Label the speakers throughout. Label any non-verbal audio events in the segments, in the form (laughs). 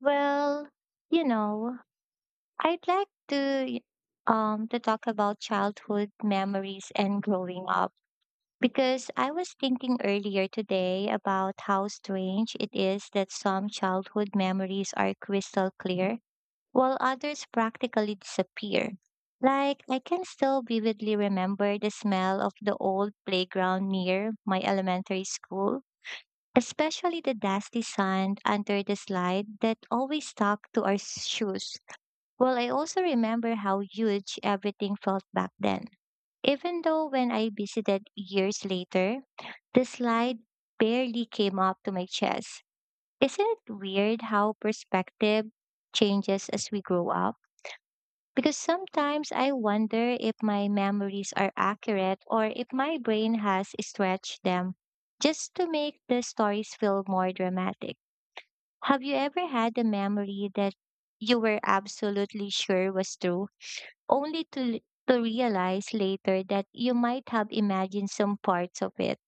Speaker 1: Well, you know, I'd like to talk about childhood memories and growing up because I was thinking earlier today about how strange it is that some childhood memories are crystal clear while others practically disappear. Like I can still vividly remember the smell of the old playground near my elementary school, especially the dusty sand under the slide that always stuck to our shoes. Well, I also remember how huge everything felt back then. Even though when I visited years later, the slide barely came up to my chest. Isn't it weird how perspective changes as we grow up? Because sometimes I wonder if my memories are accurate or if my brain has stretched them just to make the stories feel more dramatic. Have you ever had a memory that you were absolutely sure was true, only to realize later that you might have imagined some parts of it?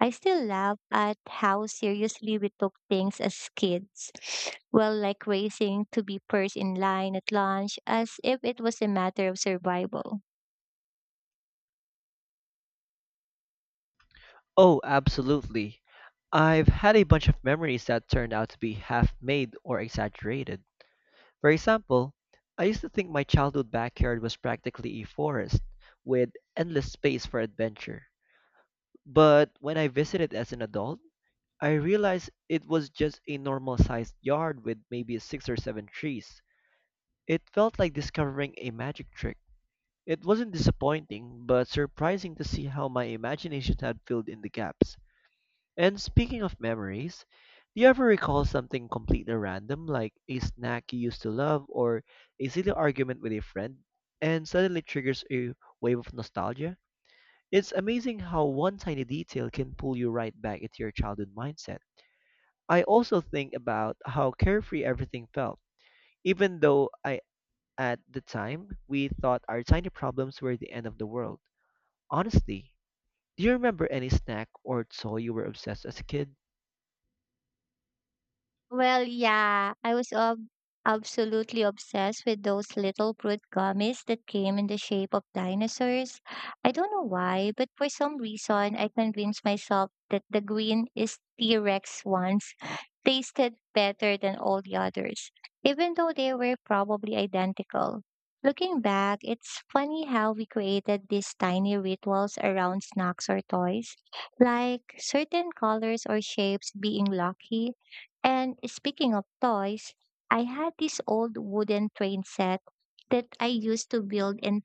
Speaker 1: I still laugh at how seriously we took things as kids. Well, like racing to be first in line at lunch, as if it was a matter of survival.
Speaker 2: Oh, absolutely. I've had a bunch of memories that turned out to be half made or exaggerated. For example, I used to think my childhood backyard was practically a forest with endless space for adventure. But when I visited as an adult, I realized it was just a normal sized yard with maybe six or seven trees. It felt like discovering a magic trick. It wasn't disappointing, but surprising to see how my imagination had filled in the gaps. And speaking of memories, do you ever recall something completely random, like a snack you used to love or a silly argument with a friend, and suddenly triggers a wave of nostalgia? It's amazing how one tiny detail can pull you right back into your childhood mindset. I also think about how carefree everything felt, even though I at the time we thought our tiny problems were the end of the world. Honestly, do you remember any snack or toy you were obsessed as a kid?
Speaker 1: Well, yeah, I was absolutely obsessed with those little fruit gummies that came in the shape of dinosaurs. I don't know why, but for some reason, I convinced myself that the green is T Rex ones (laughs) tasted better than all the others, even though they were probably identical. Looking back, it's funny how we created these tiny rituals around snacks or toys, like certain colors or shapes being lucky. And speaking of toys, I had this old wooden train set that I used to build an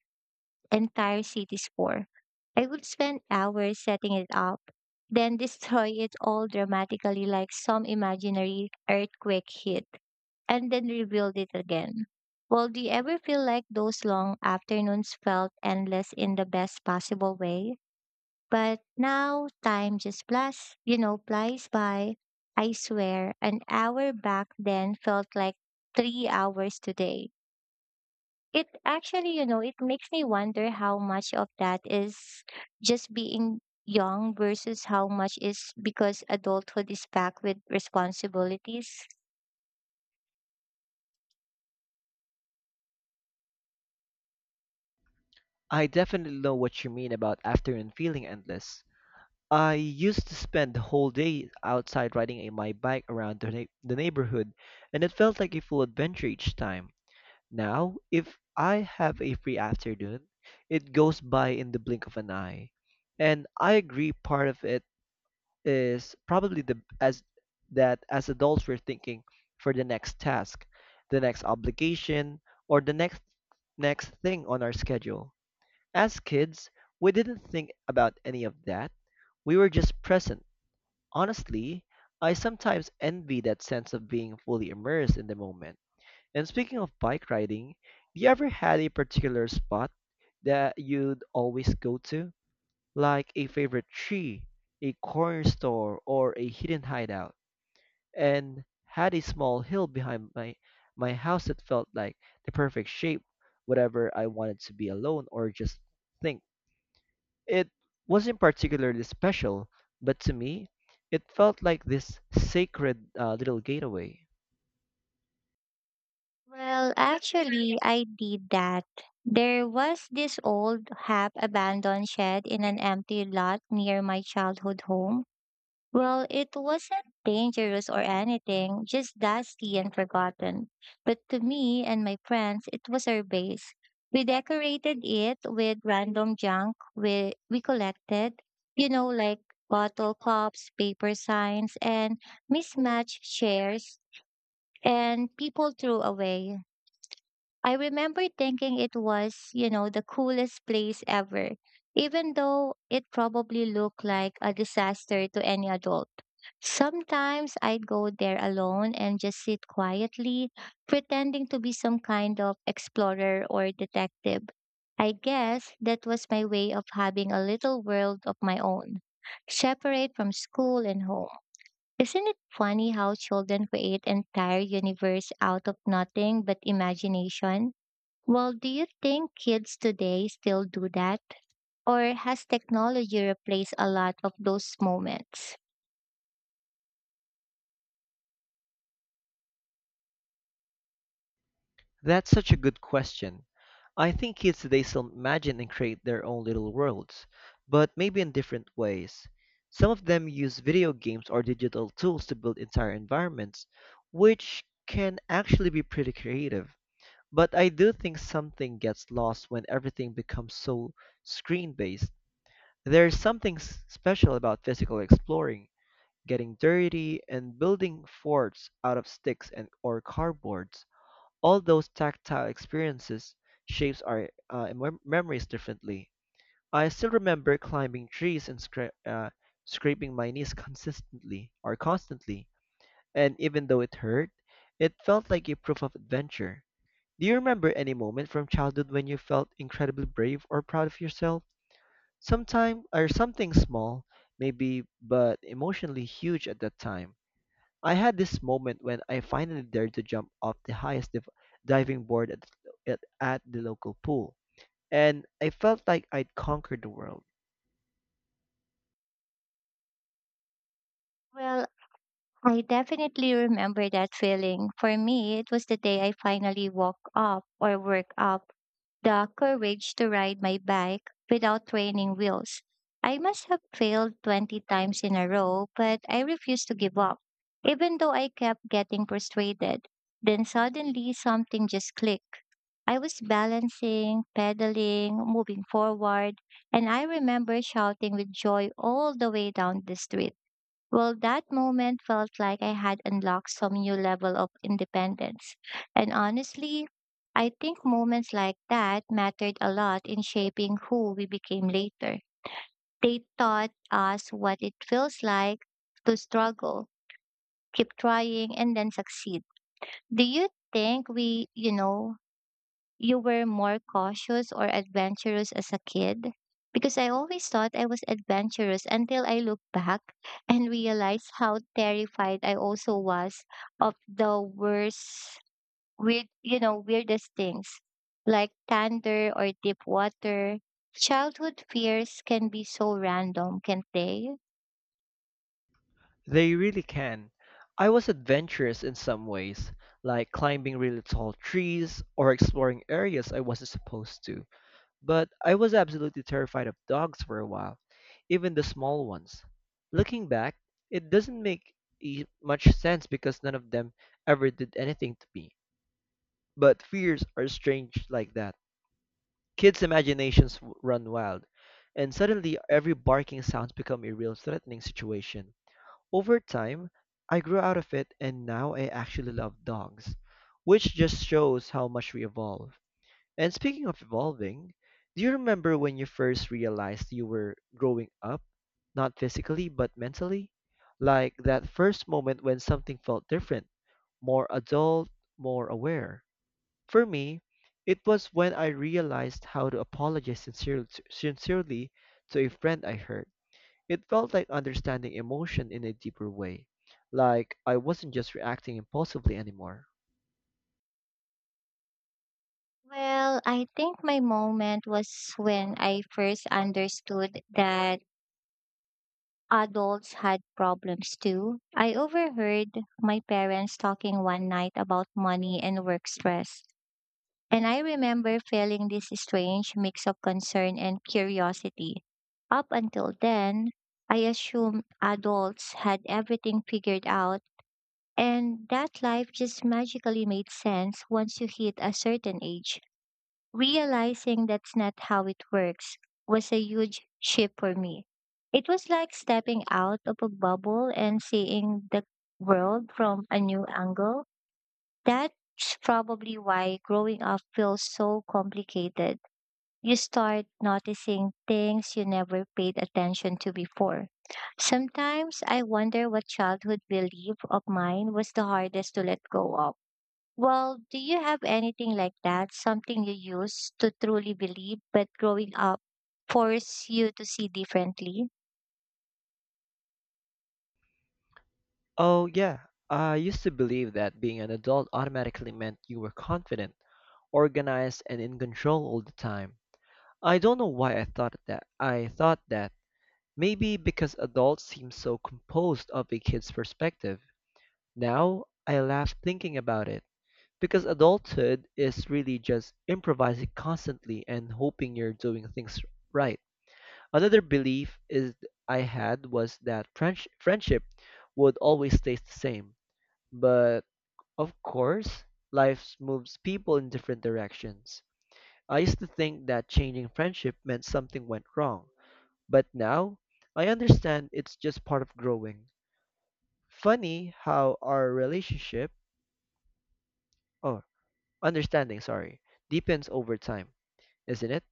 Speaker 1: entire cities for. I would spend hours setting it up, then (laughs) destroy it all dramatically like some imaginary earthquake hit, and then rebuild it again. Well, do you ever feel like those long afternoons felt endless in the best possible way? But now time just flies by. I swear, an hour back then felt like 3 hours today. It actually, it makes me wonder how much of that is just being young versus how much is because adulthood is packed with responsibilities.
Speaker 2: I definitely know what you mean about afternoon feeling endless. I used to spend the whole day outside riding my bike around the neighborhood, and it felt like a full adventure each time. Now, if I have a free afternoon, it goes by in the blink of an eye. And I agree part of it is probably the as that as adults we're thinking for the next task, the next obligation, or the next thing on our schedule as kids, we didn't think about any of that. We were just present. Honestly, I sometimes envy that sense of being fully immersed in the moment. And speaking of bike riding, do you ever had a particular spot that you'd always go to? Like a favorite tree, a corner store, or a hidden hideout? And had a small hill behind my house that felt like the perfect shape, whatever I wanted to be alone or just think. It wasn't particularly special, but to me, it felt like this sacred little gateway.
Speaker 1: Well, actually, I did that. There was this old half abandoned shed in an empty lot near my childhood home. Well, it wasn't dangerous or anything, just dusty and forgotten. But to me and my friends, it was our base. We decorated it with random junk we collected, like bottle cups, paper signs, and mismatched chairs, and people threw away. I remember thinking it was, the coolest place ever, even though it probably looked like a disaster to any adult. Sometimes I'd go there alone and just sit quietly, pretending to be some kind of explorer or detective. I guess that was my way of having a little world of my own, separate from school and home. Isn't it funny how children create entire universe out of nothing but imagination? Well, do you think kids today still do that? Or has technology replaced a lot of those moments?
Speaker 2: That's such a good question. I think kids today still imagine and create their own little worlds, but maybe in different ways. Some of them use video games or digital tools to build entire environments, which can actually be pretty creative. But I do think something gets lost when everything becomes so screen based. There's something special about physical exploring, getting dirty and building forts out of sticks and or cardboards. All those tactile experiences shapes our memories differently. I still remember climbing trees and scraping my knees consistently or constantly, and even though it hurt, it felt like a proof of adventure. Do you remember any moment from childhood when you felt incredibly brave or proud of yourself? Sometime or something small, maybe, but emotionally huge at that time. I had this moment when I finally dared to jump off the highest diving board at the local pool, and I felt like I'd conquered the world.
Speaker 1: Well, I definitely remember that feeling. For me, it was the day I finally woke up or worked up the courage to ride my bike without training wheels. I must have failed 20 times in a row, but I refused to give up, even though I kept getting frustrated. Then suddenly something just clicked. I was balancing, pedaling, moving forward, and I remember shouting with joy all the way down the street. Well, that moment felt like I had unlocked some new level of independence. And honestly, I think moments like that mattered a lot in shaping who we became later. They taught us what it feels like to struggle, keep trying, and then succeed. Do you think you were more cautious or adventurous as a kid? Because I always thought I was adventurous until I look back (laughs) and realize how terrified I also was of the worst, weird, weirdest things like thunder or deep water. Childhood fears can be so random, can't they?
Speaker 2: They really can. I was adventurous in some ways, like climbing really tall trees or exploring areas I wasn't supposed to. But I was absolutely terrified of dogs for a while, even the small ones. Looking back, it doesn't make much sense because none of them ever did anything to me. But fears are strange like that. Kids' imaginations run wild, and suddenly every barking sounds become a real threatening situation. Over time, I grew out of it and now I actually love dogs, which just shows how much we evolve. And speaking of evolving, do you remember when you first realized you were growing up? Not physically, but mentally? Like that first moment when something felt different, more adult, more aware. For me, it was when I realized how to apologize sincerely to a friend I hurt. It felt like understanding emotion in a deeper way, like I wasn't just reacting impulsively anymore.
Speaker 1: Well, I think my moment was when I first understood that adults had problems too. I overheard my parents talking one night about money and work stress. And I remember feeling this strange mix of concern and curiosity. Up until then, I assumed adults had everything figured out and that life just magically made sense once you hit a certain age. Realizing that's not how it works was a huge shift for me. It was like stepping out of a bubble and seeing the world from a new angle. That's probably why growing up feels so complicated. You start noticing things you never paid attention to before. Sometimes I wonder what childhood belief of mine was the hardest to let go of. Well, do you have anything like that? Something you used to truly believe, but growing up forced you to see differently?
Speaker 2: Oh, yeah. I used to believe that being an adult automatically meant you were confident, organized, and in control all the time. I don't know why I thought that. I thought that maybe because adults seem so composed of a kid's perspective. Now I laugh thinking about it because adulthood is really just improvising constantly and hoping you're doing things right. Another belief is I had was that friendship would always stay the same, but of course, life moves people in different directions. I used to think that changing friendship meant something went wrong, but now I understand it's just part of growing. Funny how our relationship, oh, understanding, sorry, deepens over time, isn't it?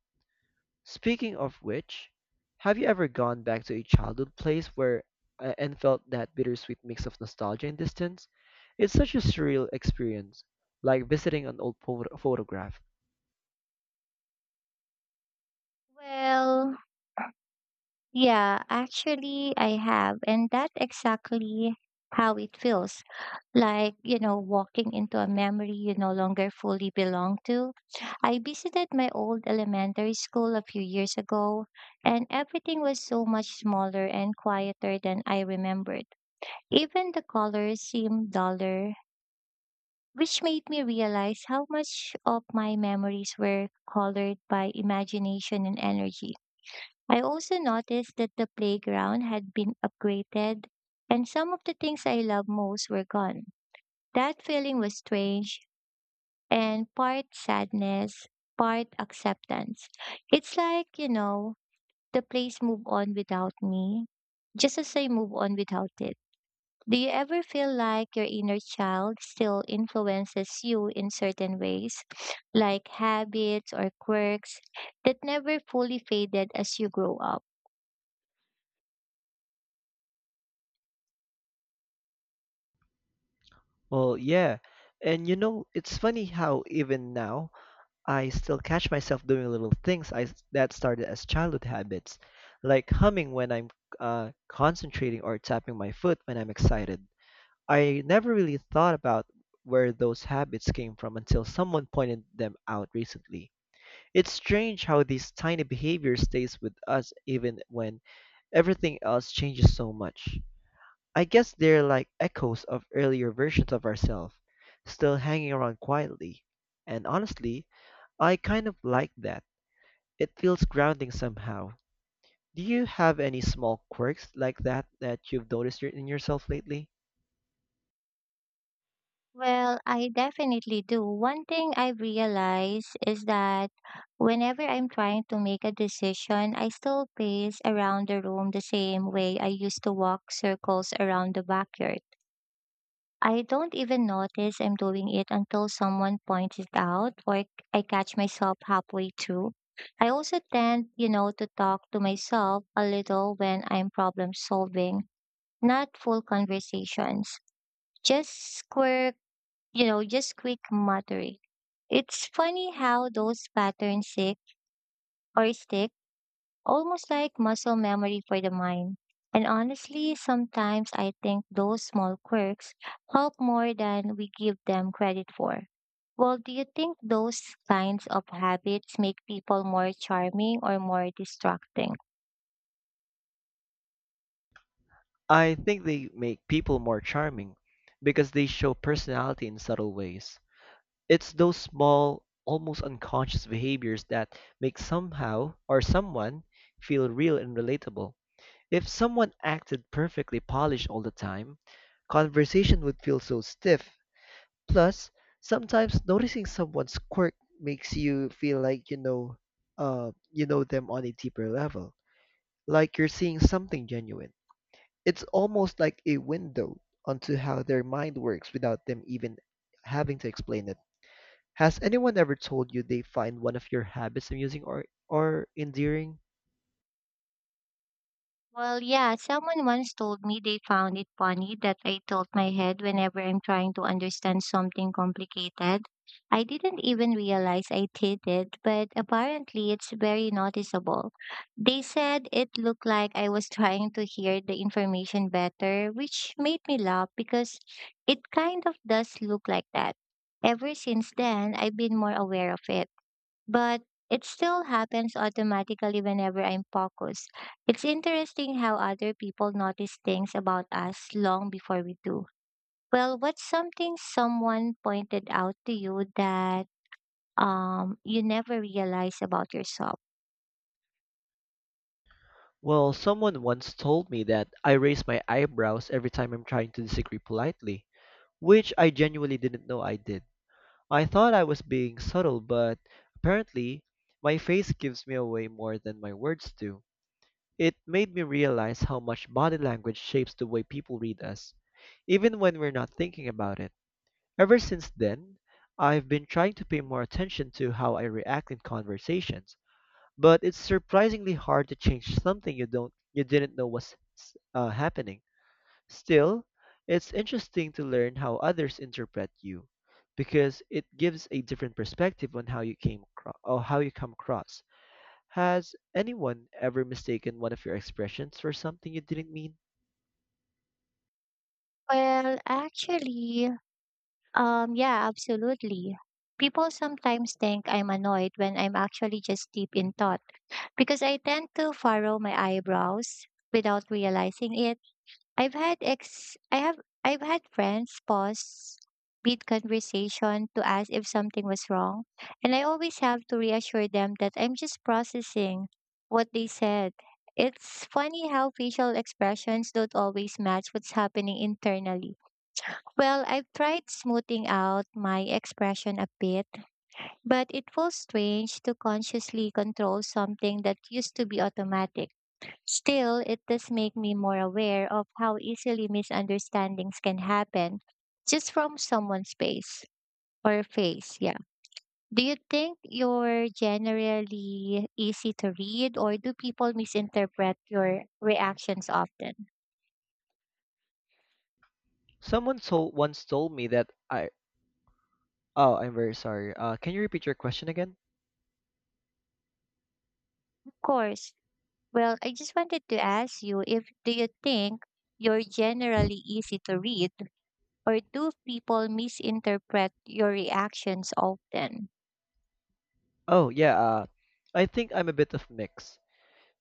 Speaker 2: Speaking of which, have you ever gone back to a childhood place where and felt that bittersweet mix of nostalgia and distance? It's such a surreal experience, like visiting an old photograph.
Speaker 1: Well, yeah, actually, I have. And that's exactly how it feels like, walking into a memory you no longer fully belong to. I visited my old elementary school a few years ago, and everything was so much smaller and quieter than I remembered. Even the colors seemed duller, which made me realize how much of my memories were colored by imagination and energy. I also noticed that the playground had been upgraded and some of the things I loved most were gone. That feeling was strange, and part sadness, part acceptance. It's like, the place moved on without me, just as I move on without it. Do you ever feel like your inner child still influences you in certain ways, like habits or quirks that never fully faded as you grow up?
Speaker 2: Well, yeah. And you know, it's funny how even now I still catch myself doing little things that started as childhood habits, like humming when I'm concentrating or tapping my foot when I'm excited. I never really thought about where those habits came from until someone pointed them out recently. It's strange how these tiny behaviors stays with us even when everything else changes so much. I guess they're like echoes of earlier versions of ourselves, still hanging around quietly. And honestly, I kind of like that. It feels grounding somehow. Do you have any small quirks like that that you've noticed in yourself lately?
Speaker 1: Well, I definitely do. One thing I've realized is that whenever I'm trying to make a decision, I still pace around the room the same way I used to walk circles around the backyard. I don't even notice I'm doing it until someone points it out or I catch myself halfway through. I also tend, to talk to myself a little when I'm problem solving, not full conversations, just quick, just quick muttering. It's funny how those patterns stick almost like muscle memory for the mind. And honestly, sometimes I think those small quirks help more than we give them credit for. Well, do you think those kinds of habits make people more charming or more distracting?
Speaker 2: I think they make people more charming because they show personality in subtle ways. It's those small, almost unconscious behaviors that make somehow or someone feel real and relatable. If someone acted perfectly polished all the time, conversation would feel so stiff. Plus, sometimes noticing someone's quirk makes you feel like you know them on a deeper level, like you're seeing something genuine. It's almost like a window onto how their mind works without them even having to explain it. Has anyone ever told you they find one of your habits amusing or endearing?
Speaker 1: Well, yeah, someone once told me they found it funny that I tilt my head whenever I'm trying to understand something complicated. I didn't even realize I did it, but apparently it's very noticeable. They said it looked like I was (laughs) trying to hear the information better, which made me laugh because it kind of does look like that. Ever since then, I've been more aware of it, but it still happens automatically whenever I'm focused. It's interesting how other people notice things about us long before we do. Well, what's something someone pointed out to you that you never realized about yourself?
Speaker 2: Well, someone once told me that I raise my eyebrows every time I'm trying to disagree politely, which I genuinely didn't know I did. I thought I was being subtle, but apparently, my face gives me away more than my words do. It made me realize how much body language shapes the way people read us, even when we're not thinking about it. Ever since then, I've been trying to pay more attention to how I react in conversations but it's surprisingly hard to change something you don't you didn't know was happening. Still, it's interesting to learn how others interpret you because it gives a different perspective on how you came across or how you come across. Has anyone ever mistaken one of your expressions for something you didn't mean?
Speaker 1: Well, actually, yeah, absolutely. People sometimes think I'm annoyed when I'm actually just deep in thought because I tend to furrow my eyebrows without realizing it. I've had ex I have I've had friends pause mid conversation to ask if something was wrong, and I always have to reassure them that I'm just processing what they said. It's funny how facial expressions don't always match what's happening internally. Well, I've tried smoothing out my expression a bit, but it feels strange to consciously control something that used to be automatic. Still, it does make me more aware of how easily misunderstandings can happen just from someone's face. Yeah. Do you think you're generally easy to read or do people misinterpret your reactions often?
Speaker 2: Someone told once told me that I oh I'm very sorry. Can you repeat your question again?
Speaker 1: Of course. Well, I just wanted to ask you if do you think you're generally easy to read or do people misinterpret your reactions often?
Speaker 2: Oh yeah. I think I'm a bit of mix.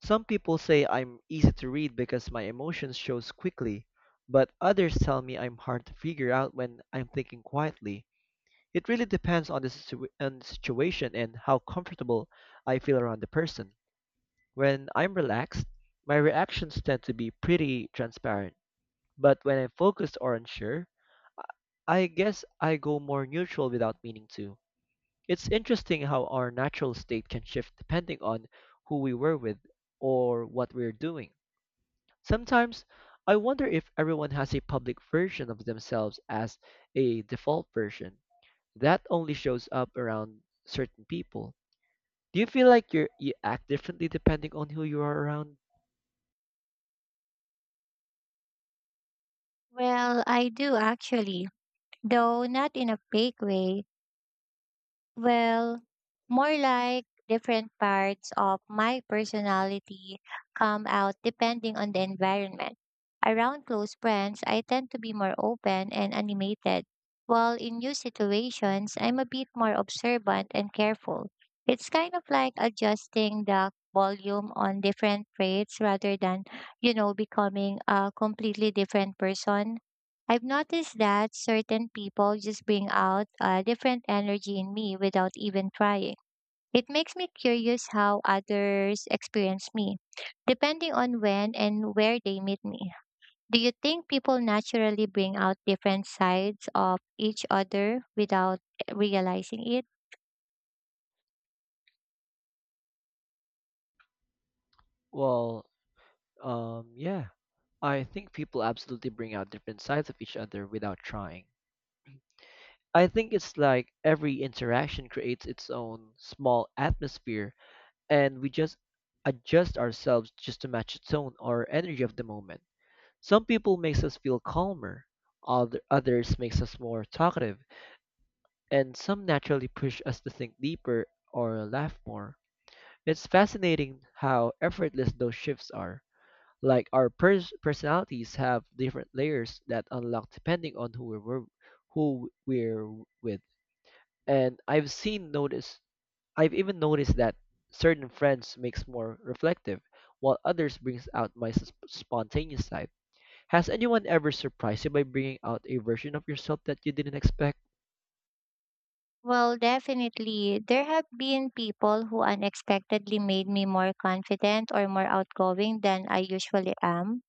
Speaker 2: Some people say I'm easy to read because my emotions shows quickly, but others tell me I'm hard to figure out when I'm thinking quietly. It really depends on on the situation and how comfortable I feel around the person. When I'm relaxed, my reactions tend to be pretty transparent, but when I'm focused or unsure, I guess I go more neutral without meaning to. It's interesting how our natural state can shift depending on who we were with or what we're doing. Sometimes I wonder if everyone has a public version of themselves as a default version that only shows up around certain people. Do you feel like you're, you act differently depending on who you are around?
Speaker 1: Well, I do actually, though not in a big way. Well, more like different parts of my personality come out depending on the environment. Around close friends, I tend to be more open and animated, while in new situations, I'm a bit more observant and careful. It's kind of like adjusting the volume on different traits rather than, becoming a completely different person. I've noticed that certain people just bring out a different energy in me without even trying. It makes me curious how others experience me, depending on when and where they meet me. Do you think people naturally bring out different sides of each other without realizing it?
Speaker 2: Well, yeah, I think people absolutely bring out different sides of each other without trying. I think it's like every interaction creates its own small atmosphere and we just adjust ourselves just to match the tone or energy of the moment. Some people makes us feel calmer, others makes us more talkative, and some naturally push us to think deeper or laugh more. It's fascinating how effortless those shifts are. Like our personalities have different layers that unlock depending on who we're with. And I've even noticed that certain friends makes more reflective, while others brings out my spontaneous side. Has anyone ever surprised you by bringing out a version of yourself that you didn't expect?
Speaker 1: Well, definitely. There have been people who unexpectedly made me more confident or more outgoing than I usually am.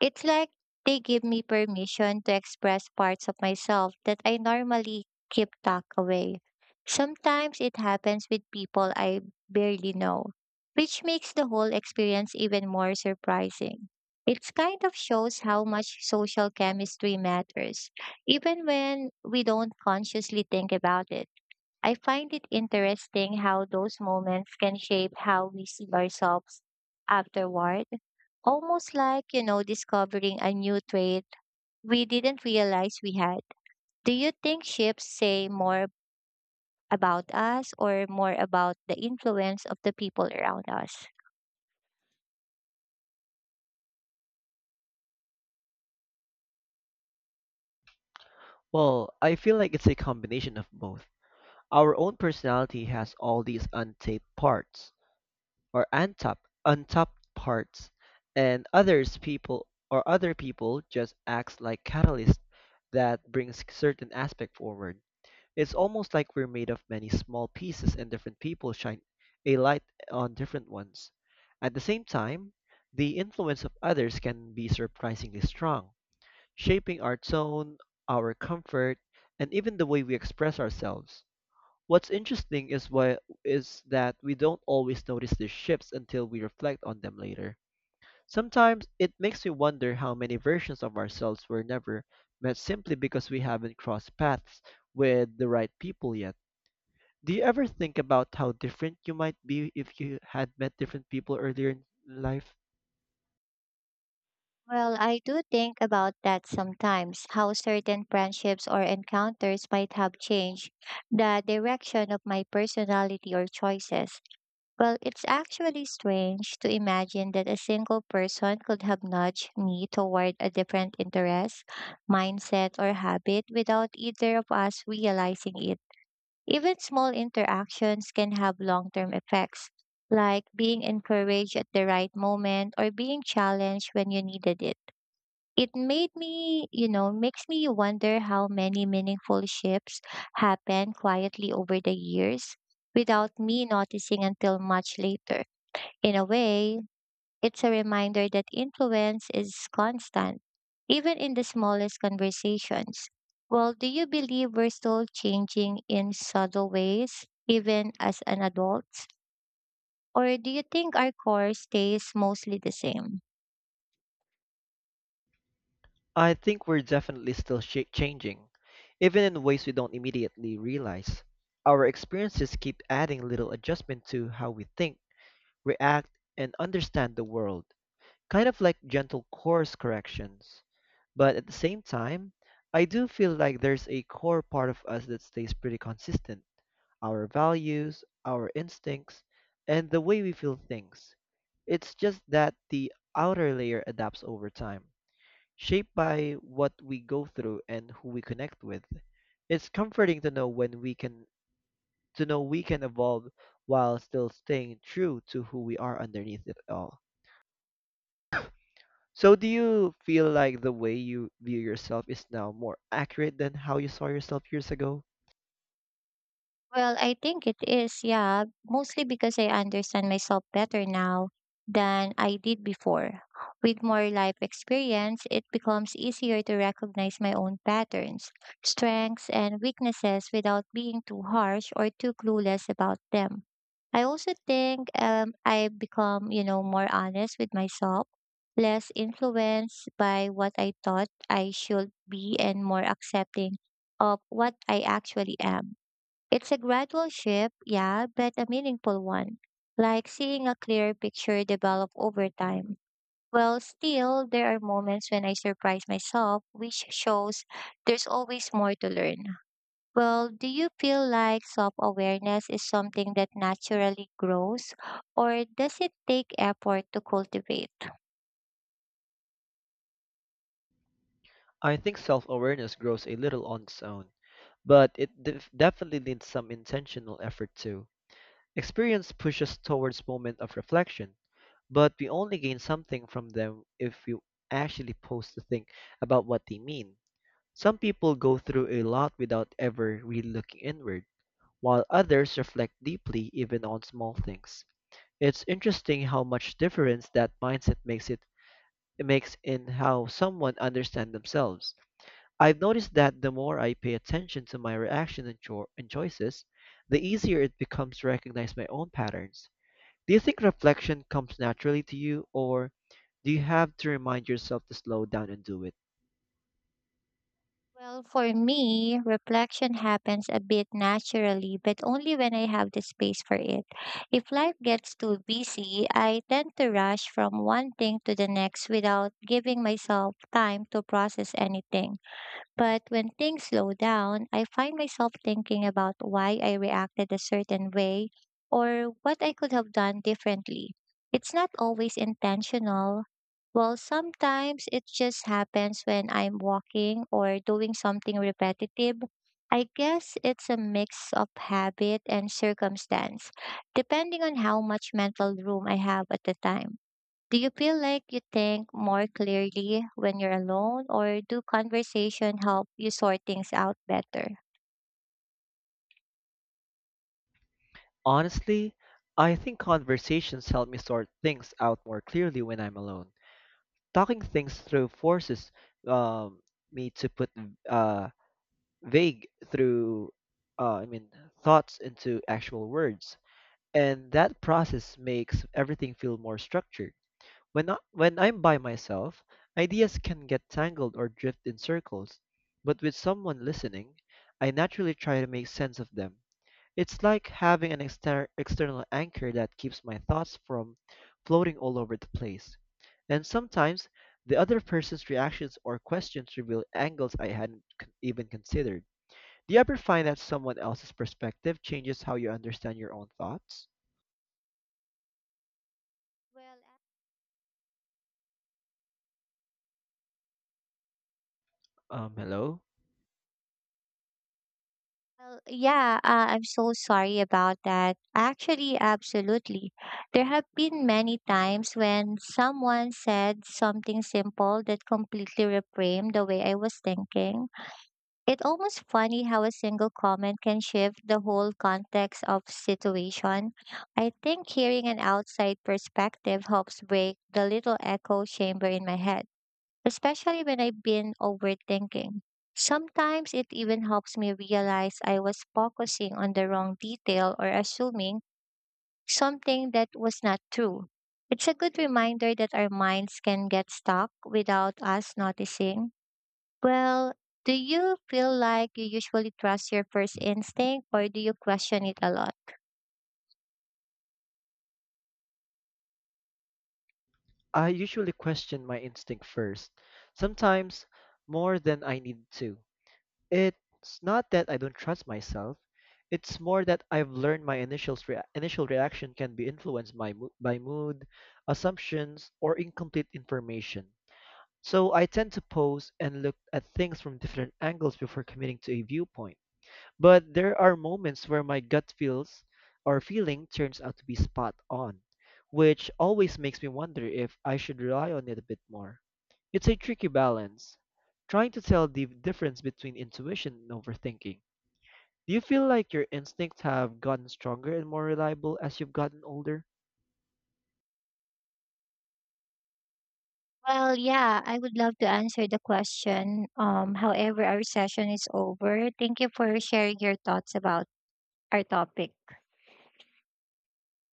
Speaker 1: It's like they give me permission to express parts of myself that I normally keep tucked away. Sometimes it happens with people I barely know, which makes the whole experience even more surprising. It kind of shows how much social chemistry matters, even when we don't consciously think about it. I find it interesting how those moments can shape how we see ourselves afterward. Almost like, discovering a new trait we didn't realize we had. Do you think ships say more about us or more about the influence of the people around us?
Speaker 2: Well, I feel like it's a combination of both. Our own personality has all these untapped parts, or untapped parts, and other people just acts like catalyst that brings certain aspect forward. It's almost like we're made of many small pieces and different people shine a light on different ones. At the same time, the influence of others can be surprisingly strong, shaping our tone, our comfort, and even the way we express ourselves. What's interesting is why is that we don't always notice these shifts until we reflect on them later. Sometimes it makes me wonder how many versions of ourselves were never met simply because we haven't crossed paths with the right people yet. Do you ever think about how different you might be if you had met different people earlier in life?
Speaker 1: Well, I do think about that sometimes, how certain friendships or encounters might have changed the direction of my personality or choices. Well, it's actually strange to imagine that a single person could have nudged me toward a different interest, mindset, or habit without either of us realizing it. Even small interactions can have long term effects, like being encouraged at the right moment or being challenged when you needed it. It made me, you know, Makes me wonder how many meaningful shifts happen quietly over the years without me noticing until much later. In a way, it's a reminder that influence is constant, even in the smallest conversations. Well, do you believe we're still changing in subtle ways, even as an adult? Or do you think our core stays mostly the same?
Speaker 2: I think we're definitely still changing, even in ways we don't immediately realize. Our experiences keep adding little adjustment to how we think, react, and understand the world, kind of like gentle course corrections. But at the same time, I do feel like there's a core part of us that stays pretty consistent our values, our instincts, and the way we feel things. It's just that the outer layer adapts over time, shaped by what we go through and who we connect with. It's comforting to know we can evolve while still staying true to who we are underneath it all. So do you feel like the way you view yourself is now more accurate than how you saw yourself years ago?
Speaker 1: Well, I think it is, yeah, mostly because I understand myself better now than I did before. With more life experience, it becomes easier to recognize my own patterns, strengths, and weaknesses without being too harsh or too clueless about them. I also think I've become, more honest with myself, less influenced by what I thought I should be, and more accepting of what I actually am. It's a gradual shift, yeah, but a meaningful one, like seeing a clear picture develop over time. Well, still, there are moments when I surprise myself, which shows there's always more to learn. Well, do you feel like self awareness is something that naturally grows, or does it take effort to cultivate?
Speaker 2: I think self awareness grows a little on its own, but it definitely needs some intentional effort too. Experience pushes towards moment of reflection, but we only gain something from them if we actually pause to think about what they mean. Some people go through a lot without ever really looking inward, while others reflect deeply even on small things. It's interesting how much difference that mindset it makes in how someone understands themselves. I've noticed that the more I pay attention to my reaction and choices, the easier it becomes to recognize my own patterns. Do you think reflection comes naturally to you, or do you have to remind yourself to slow down and do it?
Speaker 1: Well, for me, reflection happens a bit naturally, but only when I have the space for it. If life gets too busy, I tend to rush from one thing to the next without giving myself time to process anything. But when things slow down, I find myself thinking about why I reacted a certain way or what I could have done differently. It's not always intentional. Well, sometimes it just happens when I'm walking or doing something repetitive. I guess it's a mix of habit and circumstance, depending on how much mental room I have at the time. Do you feel like you think more clearly when you're alone, or do conversation help you sort things out better?
Speaker 2: Honestly, I think conversations help me sort things out more clearly when I'm alone. Talking things through forces um, me to put uh, vague through, I mean, thoughts into actual words. And that process makes everything feel more structured. When I'm by myself, ideas can get tangled or drift in circles, but with someone listening, I naturally try to make sense of them. It's like having an external anchor that keeps my thoughts from floating all over the place. And sometimes the other person's reactions or questions reveal angles I hadn't even considered. Do you ever find that someone else's perspective changes how you understand your own thoughts?
Speaker 1: Well,
Speaker 2: Hello?
Speaker 1: well, yeah, I'm so sorry about that. Actually, absolutely. There have been many times when someone said something simple that completely reframed the way I was thinking. It's almost funny how a single comment can shift the whole context of situation. I think hearing an outside perspective helps break the little echo chamber in my head, especially when I've been overthinking. Sometimes it even helps me realize I was focusing on the wrong detail or assuming something that was not true. It's a good reminder that our minds can get stuck without us noticing. Well, do you feel like you usually trust your first instinct or do you question it a lot?
Speaker 2: I usually question my instinct first, sometimes more than I need to. It's not that I don't trust myself, it's more that I've learned my initial reaction can be influenced by mood, assumptions, or incomplete information. So I tend to pose and look at things from different angles before committing to a viewpoint. But there are moments where my gut feels or feeling turns out to be spot on, which always makes me wonder if I should rely on it a bit more. It's a tricky balance, trying to tell the difference between intuition and overthinking. Do you feel like your instincts have gotten stronger and more reliable as you've gotten older?
Speaker 1: Well, yeah, I would love to answer the question. However, our session is over. Thank you for sharing your thoughts about our topic.